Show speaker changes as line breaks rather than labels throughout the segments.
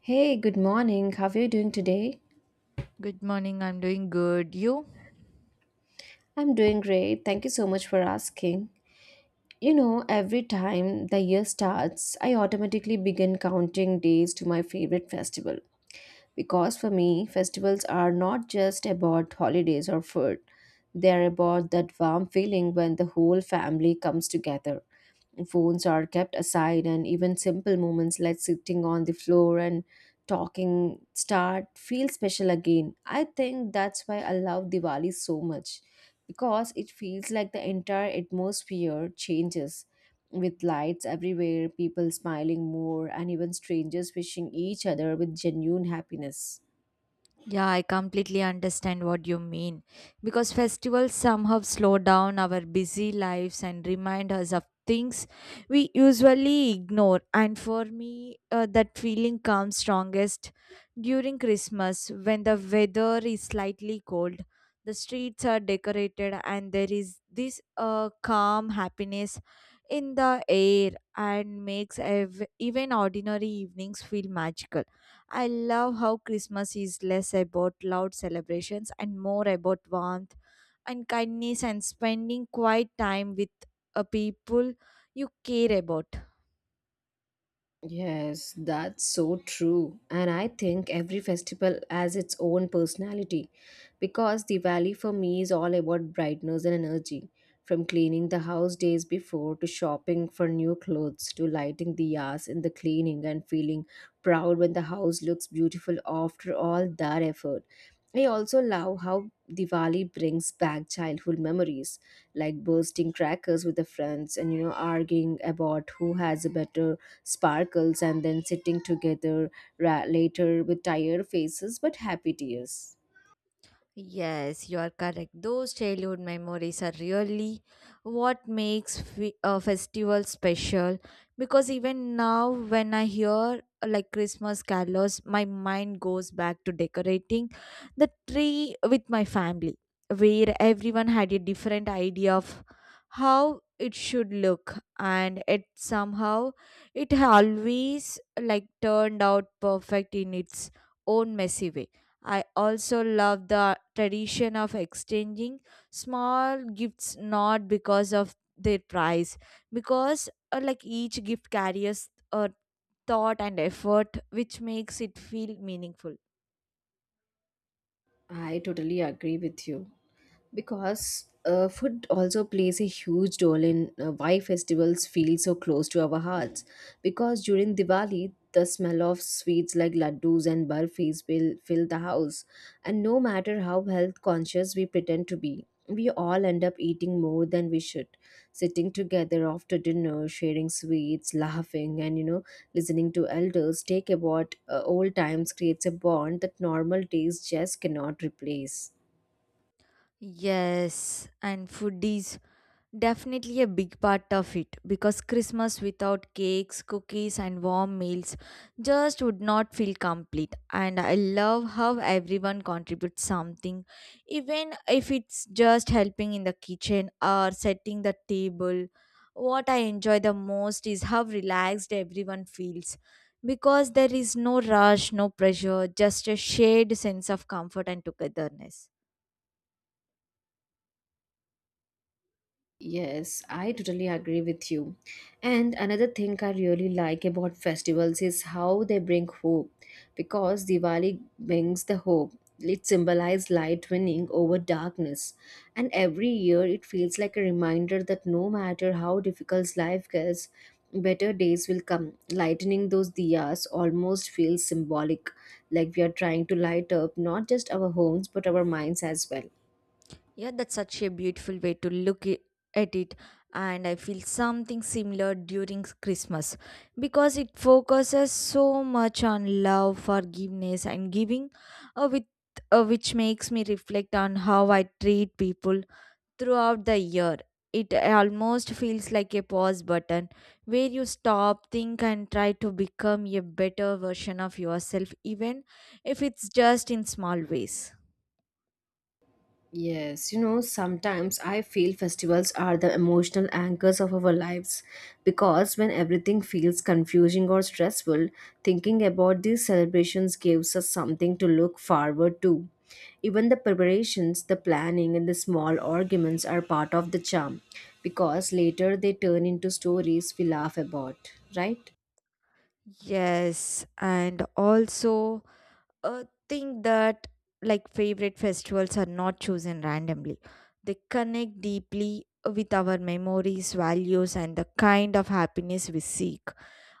Hey, good morning. How are you doing today?
Good morning, I'm doing good. You?
I'm doing great. Thank you so much for asking. You know, every time the year starts, I automatically begin counting days to my favorite festival. Because for me, festivals are not just about holidays or food, they are about that warm feeling when the whole family comes together. Phones are kept aside, and even simple moments like sitting on the floor and talking start feel special again. I think that's why I love Diwali so much because it feels like the entire atmosphere changes with lights everywhere, people smiling more, and even strangers wishing each other with genuine happiness.
Yeah, I completely understand what you mean. Because festivals somehow slow down our busy lives and remind us of things we usually ignore. And for me, that feeling comes strongest during Christmas when the weather is slightly cold. The streets are decorated, and there is this calm happiness in the air and makes even ordinary evenings feel magical. I love how Christmas is less about loud celebrations and more about warmth and kindness and spending quiet time with a people you care about.
Yes, that's so true. And I think every festival has its own personality because Diwali for me is all about brightness and energy. From cleaning the house days before to shopping for new clothes to lighting the yas in the cleaning and feeling proud when the house looks beautiful after all that effort. I also love how Diwali brings back childhood memories like bursting crackers with the friends and, you know, arguing about who has a better sparkles and then sitting together later with tired faces but happy tears.
Yes, you are correct. Those childhood memories are really what makes a festival special because even now, when I hear like Christmas carols, my mind goes back to decorating the tree with my family, where everyone had a different idea of how it should look, and it somehow, it always like turned out perfect in its own messy way. I also love the tradition of exchanging small gifts, not because of their price, because like each gift carries a thought and effort which makes it feel meaningful.
I totally agree with you, because food also plays a huge role in why festivals feel so close to our hearts, because during Diwali the smell of sweets like laddus and burfis will fill the house, and no matter how health conscious we pretend to be, we all end up eating more than we should. Sitting together after dinner, sharing sweets, laughing, and, you know, listening to elders take about old times creates a bond that normal days just cannot replace.
Yes, and foodies. Definitely a big part of it because Christmas without cakes, cookies, and warm meals just would not feel complete. And I love how everyone contributes something, even if it's just helping in the kitchen or setting the table. What I enjoy the most is how relaxed everyone feels because there is no rush, no pressure, just a shared sense of comfort and togetherness.
Yes, I totally agree with you. And another thing I really like about festivals is how they bring hope, because Diwali brings the hope. It symbolizes light winning over darkness. And every year it feels like a reminder that no matter how difficult life gets, better days will come. Lightening those diyas almost feels symbolic, like we are trying to light up not just our homes but our minds as well.
Yeah, that's such a beautiful way to look at it. And I feel something similar during Christmas because it focuses so much on love, forgiveness, and giving, uh, with, which makes me reflect on how I treat people throughout the year. It almost feels like a pause button where you stop, think, and try to become a better version of yourself, even if it's just in small ways.
Yes, you know, sometimes I feel festivals are the emotional anchors of our lives, because when everything feels confusing or stressful, thinking about these celebrations gives us something to look forward to. Even the preparations, the planning, and the small arguments are part of the charm, because later they turn into stories we laugh about, right?
Yes, and also a thing that like favorite festivals are not chosen randomly. They connect deeply with our memories, values, and the kind of happiness we seek.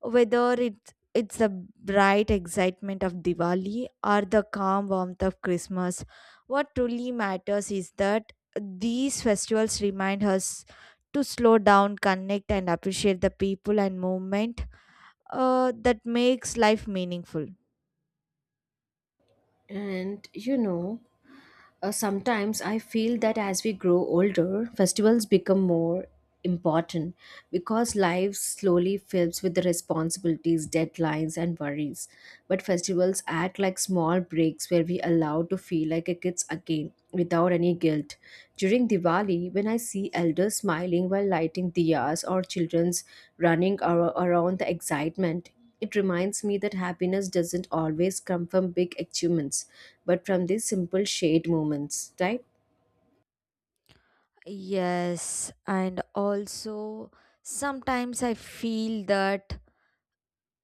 Whether it's the bright excitement of Diwali or the calm warmth of Christmas, what truly matters is that these festivals remind us to slow down, connect, and appreciate the people and movement that makes life meaningful.
And you know, sometimes I feel that as we grow older, festivals become more important, because life slowly fills with the responsibilities, deadlines, and worries. But festivals act like small breaks where we allow to feel like a kids again without any guilt. During Diwali, when I see elders smiling while lighting diyas or children's running around the excitement, it reminds me that happiness doesn't always come from big achievements, but from these simple shared moments, right?
Yes, and also sometimes I feel that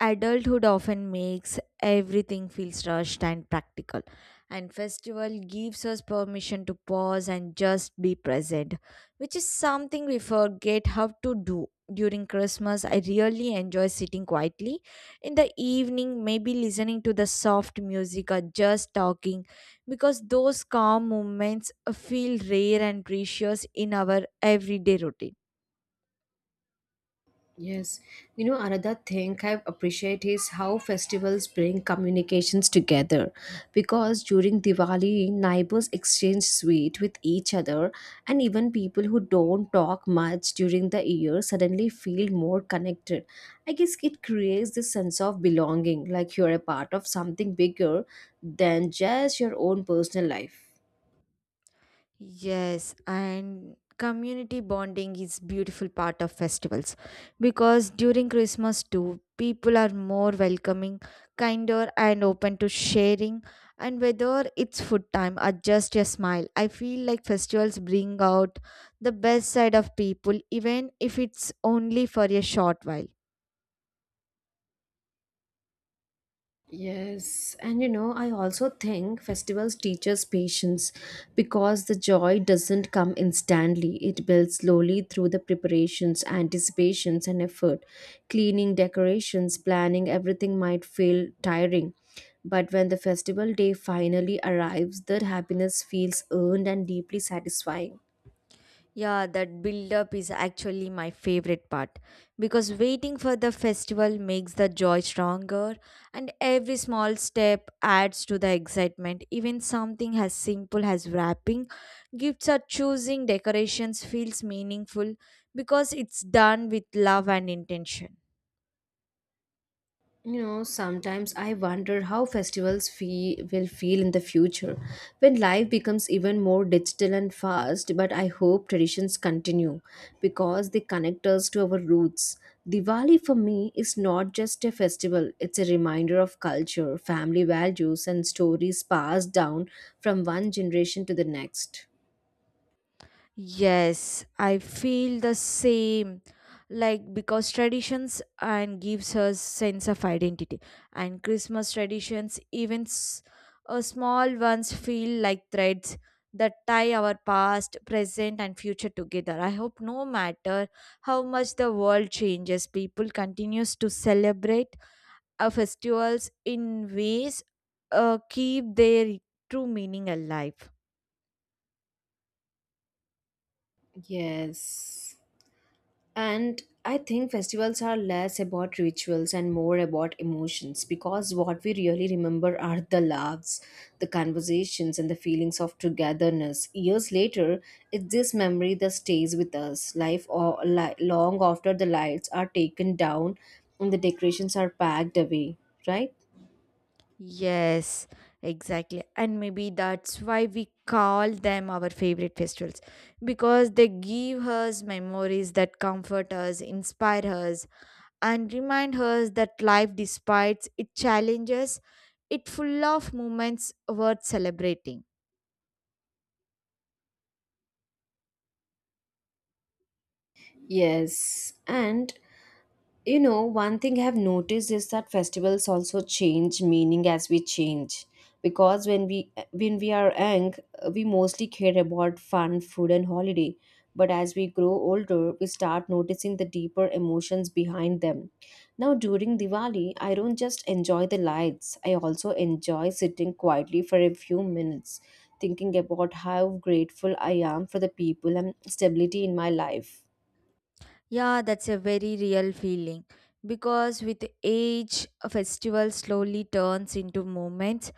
adulthood often makes everything feels rushed and practical, and festival gives us permission to pause and just be present, which is something we forget how to do. During Christmas, I really enjoy sitting quietly in the evening, maybe listening to the soft music or just talking, because those calm moments feel rare and precious in our everyday routine.
Yes, you know, another thing I appreciate is how festivals bring communications together. Because during Diwali, neighbors exchange sweet with each other, and even people who don't talk much during the year suddenly feel more connected. I guess it creates this sense of belonging, like you're a part of something bigger than just your own personal life.
Yes, and community bonding is beautiful part of festivals because during Christmas too, people are more welcoming, kinder and open to sharing, and whether it's food time or just a smile. I feel like festivals bring out the best side of people even if it's only for a short while.
Yes, and you know, I also think festivals teach us patience, because the joy doesn't come instantly. It builds slowly through the preparations, anticipations, and effort. Cleaning, decorations, planning, everything might feel tiring. But when the festival day finally arrives, the happiness feels earned and deeply satisfying.
Yeah, that build up is actually my favorite part because waiting for the festival makes the joy stronger and every small step adds to the excitement. Even something as simple as wrapping gifts or choosing decorations feels meaningful because it's done with love and intention.
You know, sometimes I wonder how festivals will feel in the future when life becomes even more digital and fast. But I hope traditions continue because they connect us to our roots. Diwali for me is not just a festival, it's a reminder of culture, family values, and stories passed down from one generation to the next.
Yes, I feel the same. Like because traditions and gives us sense of identity, and Christmas traditions, even small ones, feel like threads that tie our past, present, and future together. I hope no matter how much the world changes, people continues to celebrate our festivals in ways keep their true meaning alive.
Yes. And I think festivals are less about rituals and more about emotions, because what we really remember are the laughs, the conversations, and the feelings of togetherness. Years later, it's this memory that stays with us, life or long after the lights are taken down and the decorations are packed away, right?
Yes, exactly. And maybe that's why we call them our favorite festivals because they give us memories that comfort us, inspire us, and remind us that life, despite its challenges, it full of moments worth celebrating.
Yes. And you know, one thing I have noticed is that festivals also change meaning as we change. Because when we are young, we mostly care about fun, food, and holiday. But as we grow older, we start noticing the deeper emotions behind them. Now, during Diwali, I don't just enjoy the lights. I also enjoy sitting quietly for a few minutes, thinking about how grateful I am for the people and stability in my life.
Yeah, that's a very real feeling because with age, a festival slowly turns into moments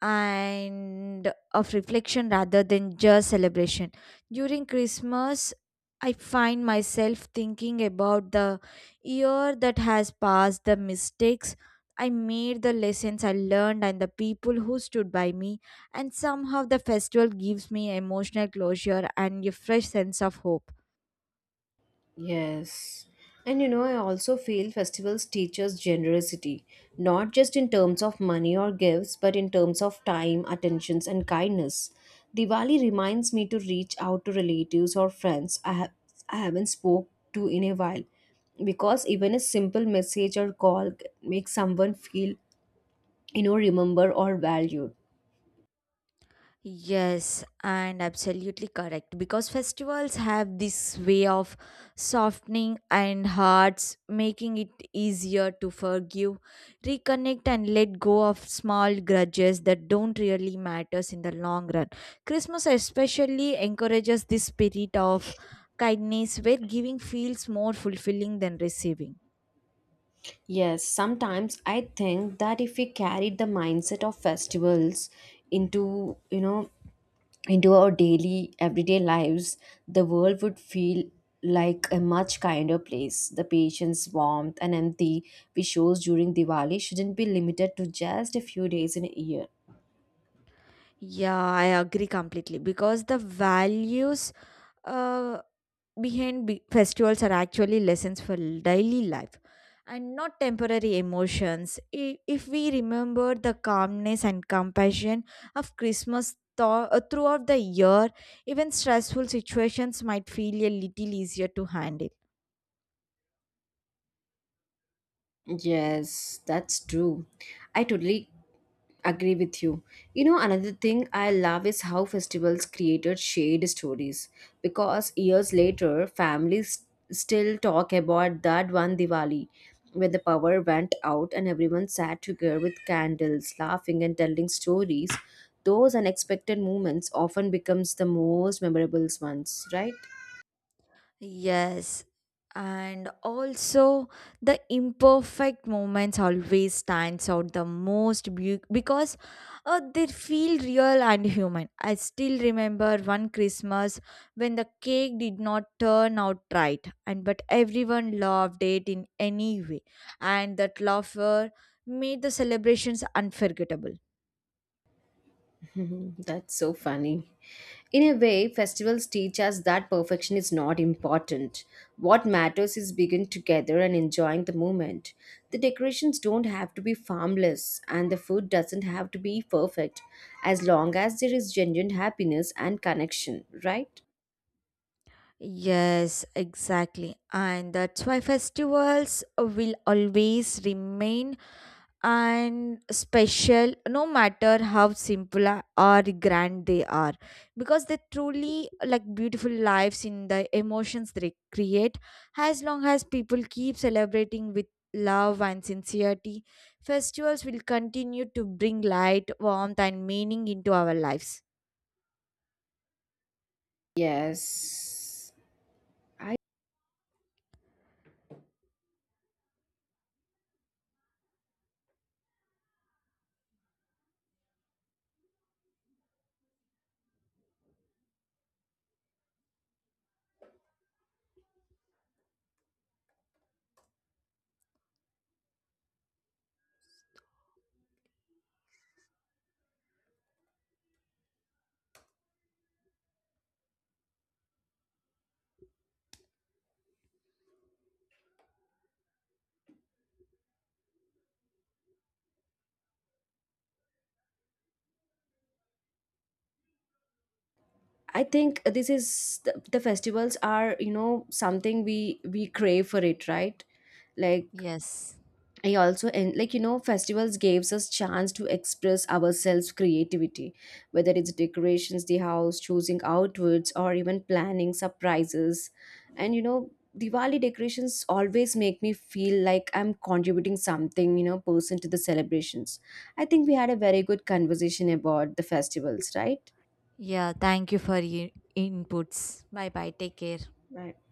and of reflection rather than just celebration. During Christmas, I find myself thinking about the year that has passed, the mistakes I made, the lessons I learned, and the people who stood by me. And somehow the festival gives me emotional closure and a fresh sense of hope.
Yes. And you know, I also feel festivals teach us generosity, not just in terms of money or gifts, but in terms of time, attentions, and kindness. Diwali reminds me to reach out to relatives or friends I haven't spoke to in a while, because even a simple message or call makes someone feel, you know, remembered or valued.
Yes, and absolutely correct. Because festivals have this way of softening and hearts, making it easier to forgive, reconnect, and let go of small grudges that don't really matters in the long run. Christmas especially encourages this spirit of kindness, where giving feels more fulfilling than receiving.
Yes, sometimes I think that if we carried the mindset of festivals into, you know, into our daily, everyday lives, the world would feel like a much kinder place. The patience, warmth, and empathy we show during Diwali shouldn't be limited to just a few days in a year.
Yeah, I agree completely because the values uh, behind festivals are actually lessons for daily life and not temporary emotions. If we remember the calmness and compassion of Christmas throughout the year, even stressful situations might feel a little easier to handle.
Yes, that's true. I totally agree with you. You know, another thing I love is how festivals created shared stories, because years later families still talk about that one Diwali when the power went out and everyone sat together with candles, laughing and telling stories. Those unexpected moments often becomes the most memorable ones, right?
Yes, and also the imperfect moments always stands out the most because they feel real and human. I still remember one Christmas when the cake did not turn out right, and but everyone loved it in any way, and that laughter made the celebrations unforgettable.
Mhm. That's so funny. In a way, festivals teach us that perfection is not important. What matters is being together and enjoying the moment. The decorations don't have to be harmless, and the food doesn't have to be perfect, as long as there is genuine happiness and connection, right?
Yes, exactly. And that's why festivals will always remain and special no matter how simple or grand they are, because they truly like beautiful lives in the emotions they create. As long as people keep celebrating with love and sincerity, festivals will continue to bring light, warmth and meaning into our lives.
Yes. I I think this is the festivals are, you know, something we crave for it, right? Like
Yes.
I also and, like, you know, festivals gives us chance to express ourselves creativity, whether it's decorations the house, choosing outfits, or even planning surprises. And, you know, Diwali decorations always make me feel like I'm contributing something, you know, person to the celebrations. I think we had a very good conversation about the festivals, right?
Yeah, thank you for your inputs. Bye bye. Take care.
Right.